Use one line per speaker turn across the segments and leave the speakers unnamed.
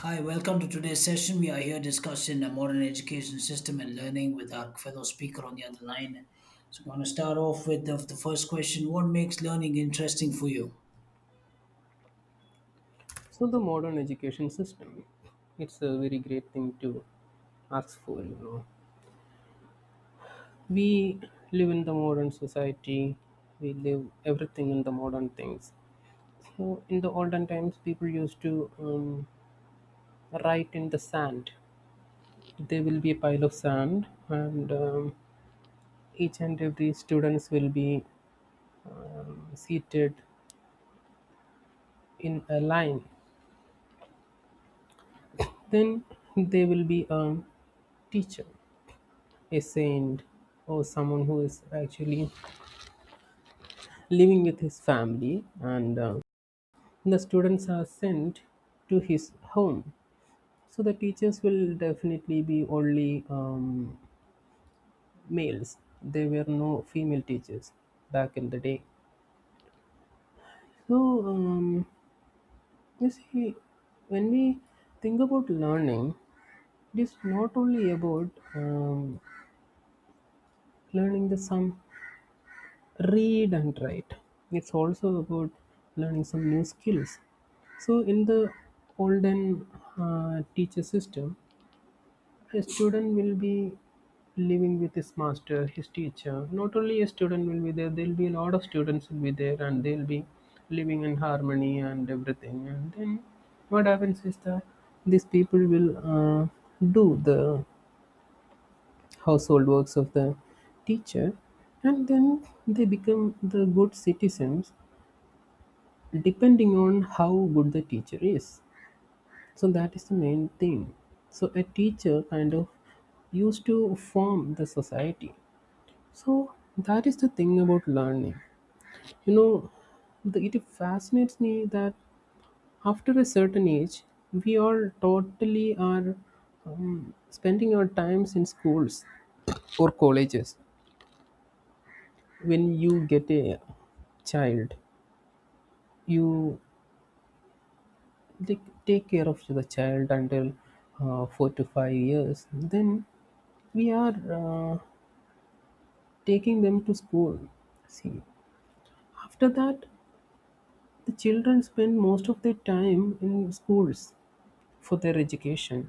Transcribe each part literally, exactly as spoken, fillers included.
Hi, welcome to today's session. We are here discussing the modern education system and learning with our fellow speaker on the other line. So, I'm going to start off with the, the first question. What makes learning interesting for you?
So the modern education system, it's a very great thing to ask for. You know, we live in the modern society. We live everything in the modern things. So in the olden times, people used to um, write in the sand. There will be a pile of sand, and um, each and every students will be um, seated in a line. Then there will be a teacher, a saint, or someone who is actually living with his family and uh, the students are sent to his home. So the teachers will definitely be only um, males. There were no female teachers back in the day. So um, you see, when we think about learning, it is not only about um, learning the sum, read and write. It's also about learning some new skills. So in the olden uh, teacher system, a student will be living with his master, his teacher. Not only a student will be there, there'll be a lot of students will be there, and they'll be living in harmony and everything. And then what happens is that these people will uh, do the household works of the teacher, and then they become the good citizens depending on how good the teacher is. So that is the main thing. So a teacher kind of used to form the society. So that is the thing about learning. you know the, it fascinates me that after a certain age, we all totally are um, spending our times in schools or colleges. When you get a child, you they take care of the child until uh, four to five years. Then we are uh, taking them to school. See, after that, the children spend most of their time in schools for their education.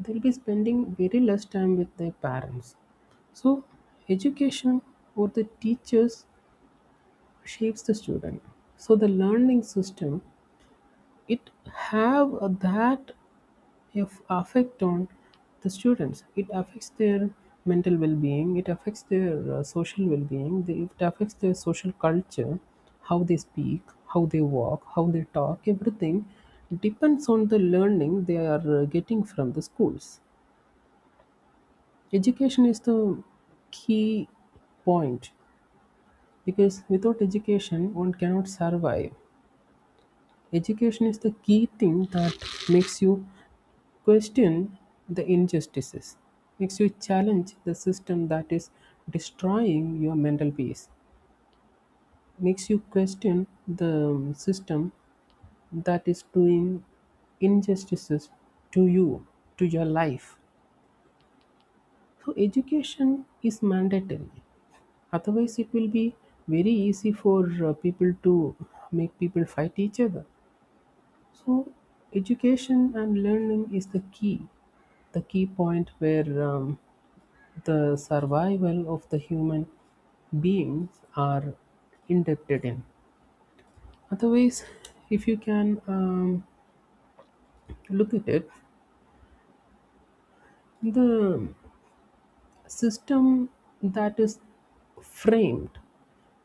They'll be spending very less time with their parents. So education or the teachers shapes the student. So the learning system, it have that have affect on the students. It affects their mental well-being, it affects their uh, social well-being. They, it affects their social culture, how they speak, how they walk, how they talk. Everything depends on the learning they are uh, getting from the schools. Education is the key point, because without education one cannot survive. Education is the key thing that makes you question the injustices, makes you challenge the system that is destroying your mental peace, makes you question the um, system that is doing injustices to you, to your life. So, education is mandatory. Otherwise, it will be very easy for uh, people to make people fight each other. So education and learning is the key, the key point where um, the survival of the human beings are indebted in. Otherwise, if you can um, look at it, the system that is framed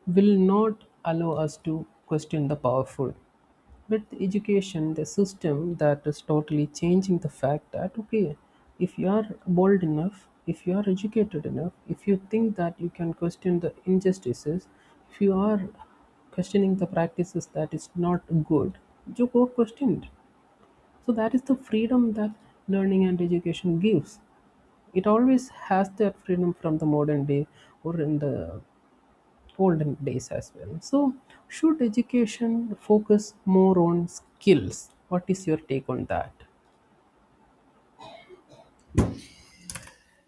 will not allow us to question the powerful. But the education, the system that is totally changing the fact that, okay, if you are bold enough, if you are educated enough, if you think that you can question the injustices, if you are questioning the practices that is not good, you go question it. So that is the freedom that learning and education gives. It always has that freedom, from the modern day or in the olden days as well. So, should education focus more on skills? What is your take on that?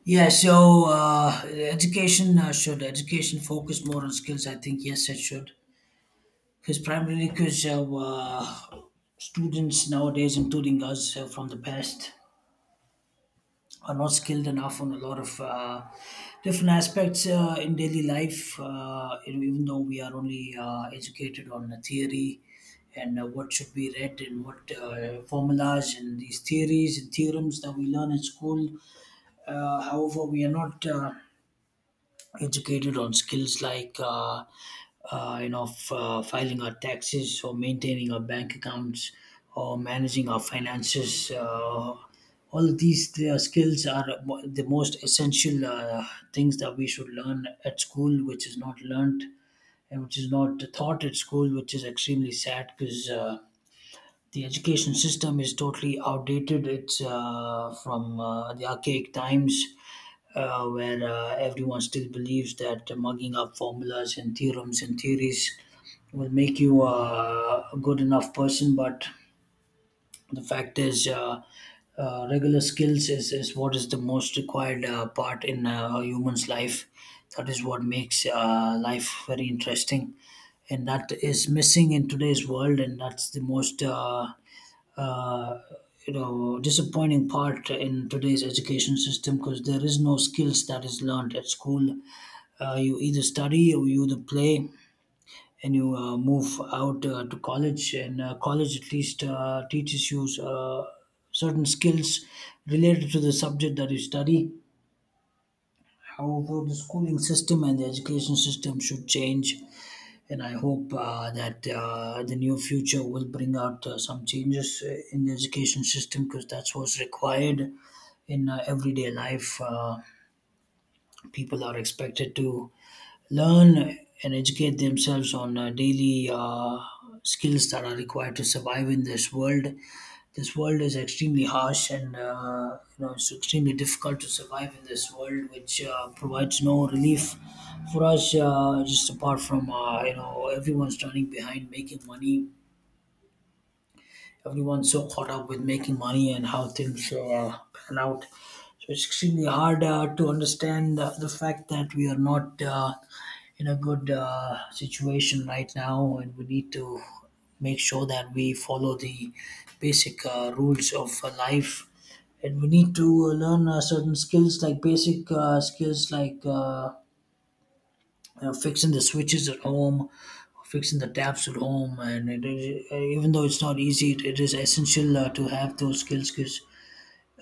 Yeah, so uh, education, uh, should education focus more on skills? I think yes, it should. Because primarily, because uh, uh, students nowadays, including us, uh, from the past, are not skilled enough on a lot of uh, different aspects uh, in daily life. Uh, you know, even though we are only uh, educated on the theory and uh, what should be read and what uh, formulas and these theories and theorems that we learn in school. Uh, however, we are not Uh, educated on skills like uh, uh, you know f- uh, filing our taxes or maintaining our bank accounts or managing our finances, uh, all of these uh, skills are mo- the most essential uh, things that we should learn at school, which is not learned and which is not taught at school, which is extremely sad, because uh, the education system is totally outdated. It's uh, from uh, the archaic times, uh, where uh, everyone still believes that mugging up formulas and theorems and theories will make you uh, a good enough person. But the fact is, uh, uh, regular skills is, is what is the most required uh, part in uh, a human's life. That is what makes uh, life very interesting, and that is missing in today's world, and that's the most uh, uh, you know disappointing part in today's education system, because there is no skills that is learned at school. Uh, you either study or you either play, and you uh, move out uh, to college, and uh, college at least uh, teaches you uh, certain skills related to the subject that you study. However, the schooling system and the education system should change, and I hope uh, that uh, the near future will bring out uh, some changes uh, in the education system, because that's what's required in uh, everyday life. Uh, people are expected to learn and educate themselves on uh, daily uh, skills that are required to survive in this world. This world is extremely harsh, and uh, you know it's extremely difficult to survive in this world, which uh, provides no relief for us. Uh, just apart from, uh, you know everyone's running behind making money, everyone's so caught up with making money and how things uh, pan out. So it's extremely hard uh, to understand uh, the fact that we are not uh, in a good uh, situation right now, and we need to make sure that we follow the basic uh, rules of uh, life. And we need to learn uh, certain skills, like basic uh, skills, like uh, uh, fixing the switches at home, fixing the taps at home. And it is, uh, even though it's not easy, it, it is essential uh, to have those skills, because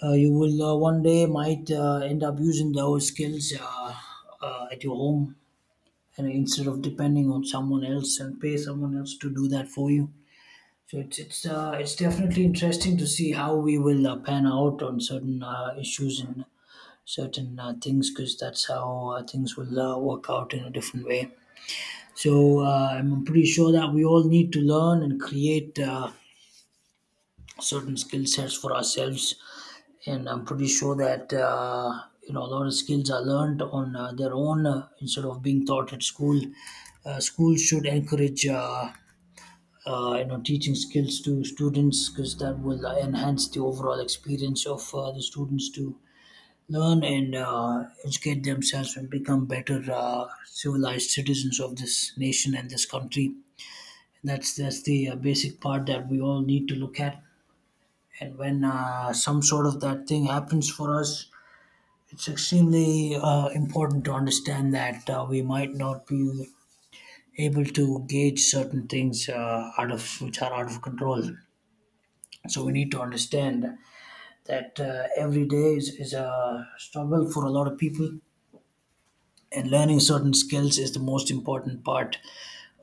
uh, you will uh, one day might uh, end up using those skills, uh, uh, at your home, and instead of depending on someone else and pay someone else to do that for you. So it's it's uh, it's definitely interesting to see how we will uh, pan out on certain uh, issues and certain uh, things, because that's how uh, things will uh, work out in a different way. So, uh, I'm pretty sure that we all need to learn and create uh, certain skill sets for ourselves. And I'm pretty sure that uh, you know a lot of skills are learned on uh, their own, uh, instead of being taught at school. Uh, schools should encourage, uh, uh, you know teaching skills to students, because that will uh, enhance the overall experience of uh, the students to learn and uh, educate themselves and become better uh, civilized citizens of this nation and this country. That's that's the uh, basic part that we all need to look at. And when uh, some sort of that thing happens for us, it's extremely uh, important to understand that uh, we might not be able to gauge certain things uh, out of which are out of control. So we need to understand that uh, every day is, is a struggle for a lot of people, and learning certain skills is the most important part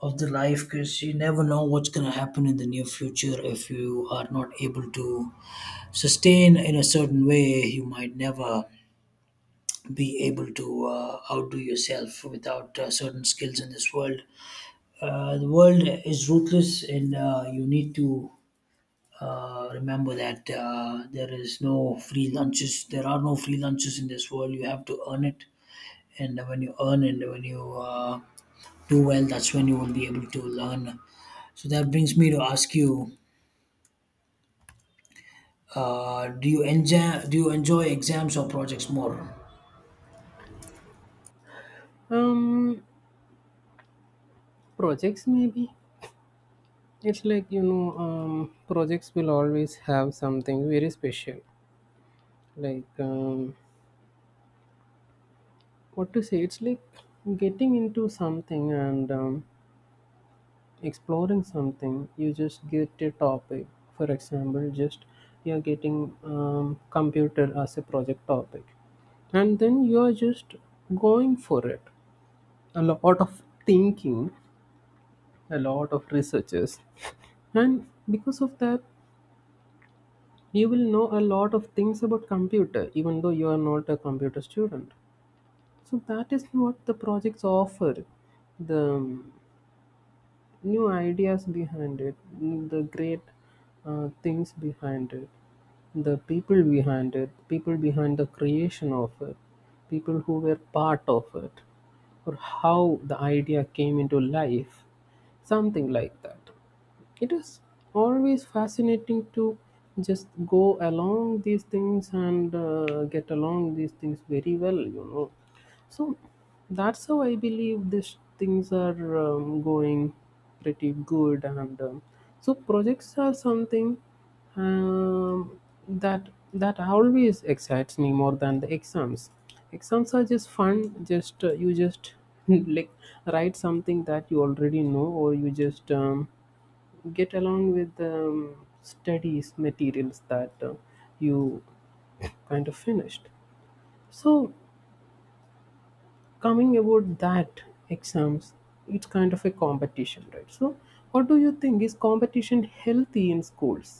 of the life, because you never know what's going to happen in the near future. If you are not able to sustain in a certain way, you might never be able to uh, outdo yourself without uh, certain skills in this world. Uh, the world is ruthless, and uh, you need to uh, remember that uh, there is no free lunches, there are no free lunches in this world. You have to earn it, and when you earn and when you uh, do well, that's when you will be able to learn. So that brings me to ask you, uh, do you enjoy do you enjoy exams or projects more?
Um, Projects maybe. It's like, you know, um, projects will always have something very special. Like um, what to say? It's like getting into something and um, exploring something. You just get a topic. For example, just you are getting um, computer as a project topic, and then you are just going for it. A lot of thinking, a lot of researches, and because of that, you will know a lot of things about computer, even though you are not a computer student. So that is what the projects offer. The um, new ideas behind it, the great uh, things behind it, the people behind it, people behind the creation of it, people who were part of it, or how the idea came into life, something like that. It is always fascinating to just go along these things and uh, get along these things very well, you know. So that's how I believe these things are um, going pretty good. And um, So projects are something um, that that always excites me more than the exams. Exams are just fun. Just uh, you just like write something that you already know, or you just um, get along with um, studies materials that uh, you kind of finished. So coming about that, exams, it's kind of a competition, right? So what do you think, is competition healthy in schools,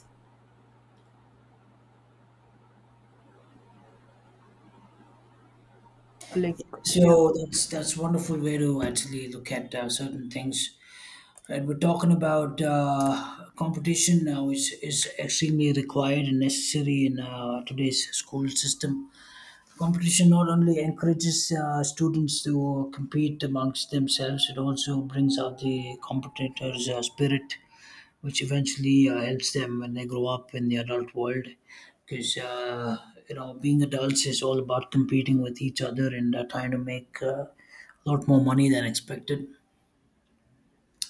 like? Yeah.
So that's that's wonderful way to actually look at uh, certain things. Right, we're talking about uh, competition now is is extremely required and necessary in uh, today's school system. Competition not only encourages uh, students to compete amongst themselves, it also brings out the competitor's uh, spirit, which eventually uh, helps them when they grow up in the adult world, because uh, you know being adults is all about competing with each other and uh, trying to make uh, a lot more money than expected.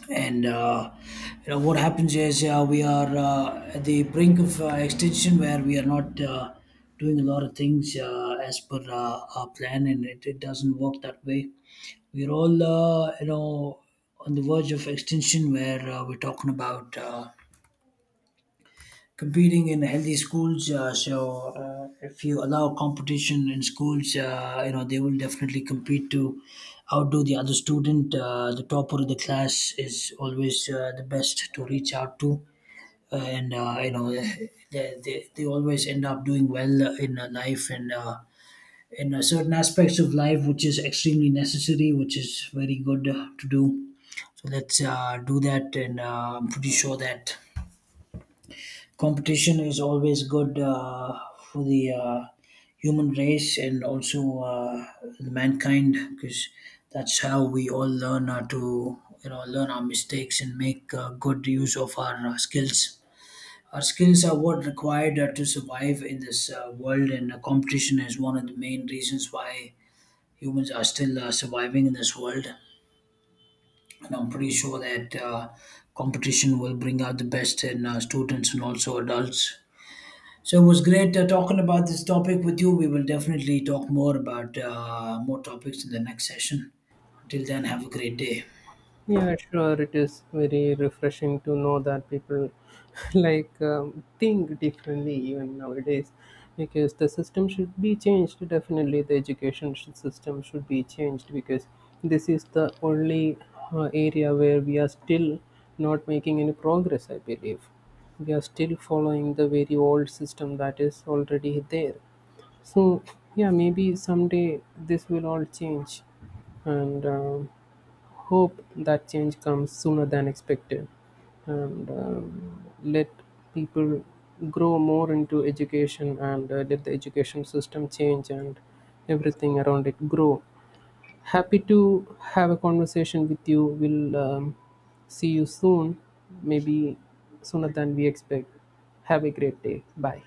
And uh, you know what happens is, uh, we are uh, at the brink of uh, extinction, where we are not uh, doing a lot of things uh, as per uh, our plan, and it, it doesn't work that way. We're all, uh, you know on the verge of extinction, where uh, we're talking about uh, competing in healthy schools. Uh, so uh, if you allow competition in schools, uh, you know they will definitely compete to outdo the other student. Uh, the topper of the class is always uh, the best to reach out to, uh, and uh, you know they, they, they always end up doing well uh, in uh, life, and uh, in uh, certain aspects of life, which is extremely necessary, which is very good uh, to do. So let's uh, do that, and uh, I'm pretty sure that competition is always good uh, for the uh, human race and also uh, the mankind, because that's how we all learn uh, to you know learn our mistakes and make uh, good use of our uh, skills. Our skills are what required uh, to survive in this uh, world, and uh, competition is one of the main reasons why humans are still uh, surviving in this world. And I'm pretty sure that uh, competition will bring out the best in uh, students and also adults. So it was great uh, talking about this topic with you. We will definitely talk more about uh, more topics in the next session. Until then, have a great day.
Yeah, sure. It is very refreshing to know that people like um, think differently even nowadays, because the system should be changed. Definitely, the education sh- system should be changed, because this is the only uh, area where we are still not making any progress. I believe we are still following the very old system that is already there. So, yeah, maybe someday this will all change, and um, hope that change comes sooner than expected. And um, Let people grow more into education, and uh, let the education system change and everything around it grow. Happy to have a conversation with you. We'll um, see you soon, maybe sooner than we expect. Have a great day. Bye.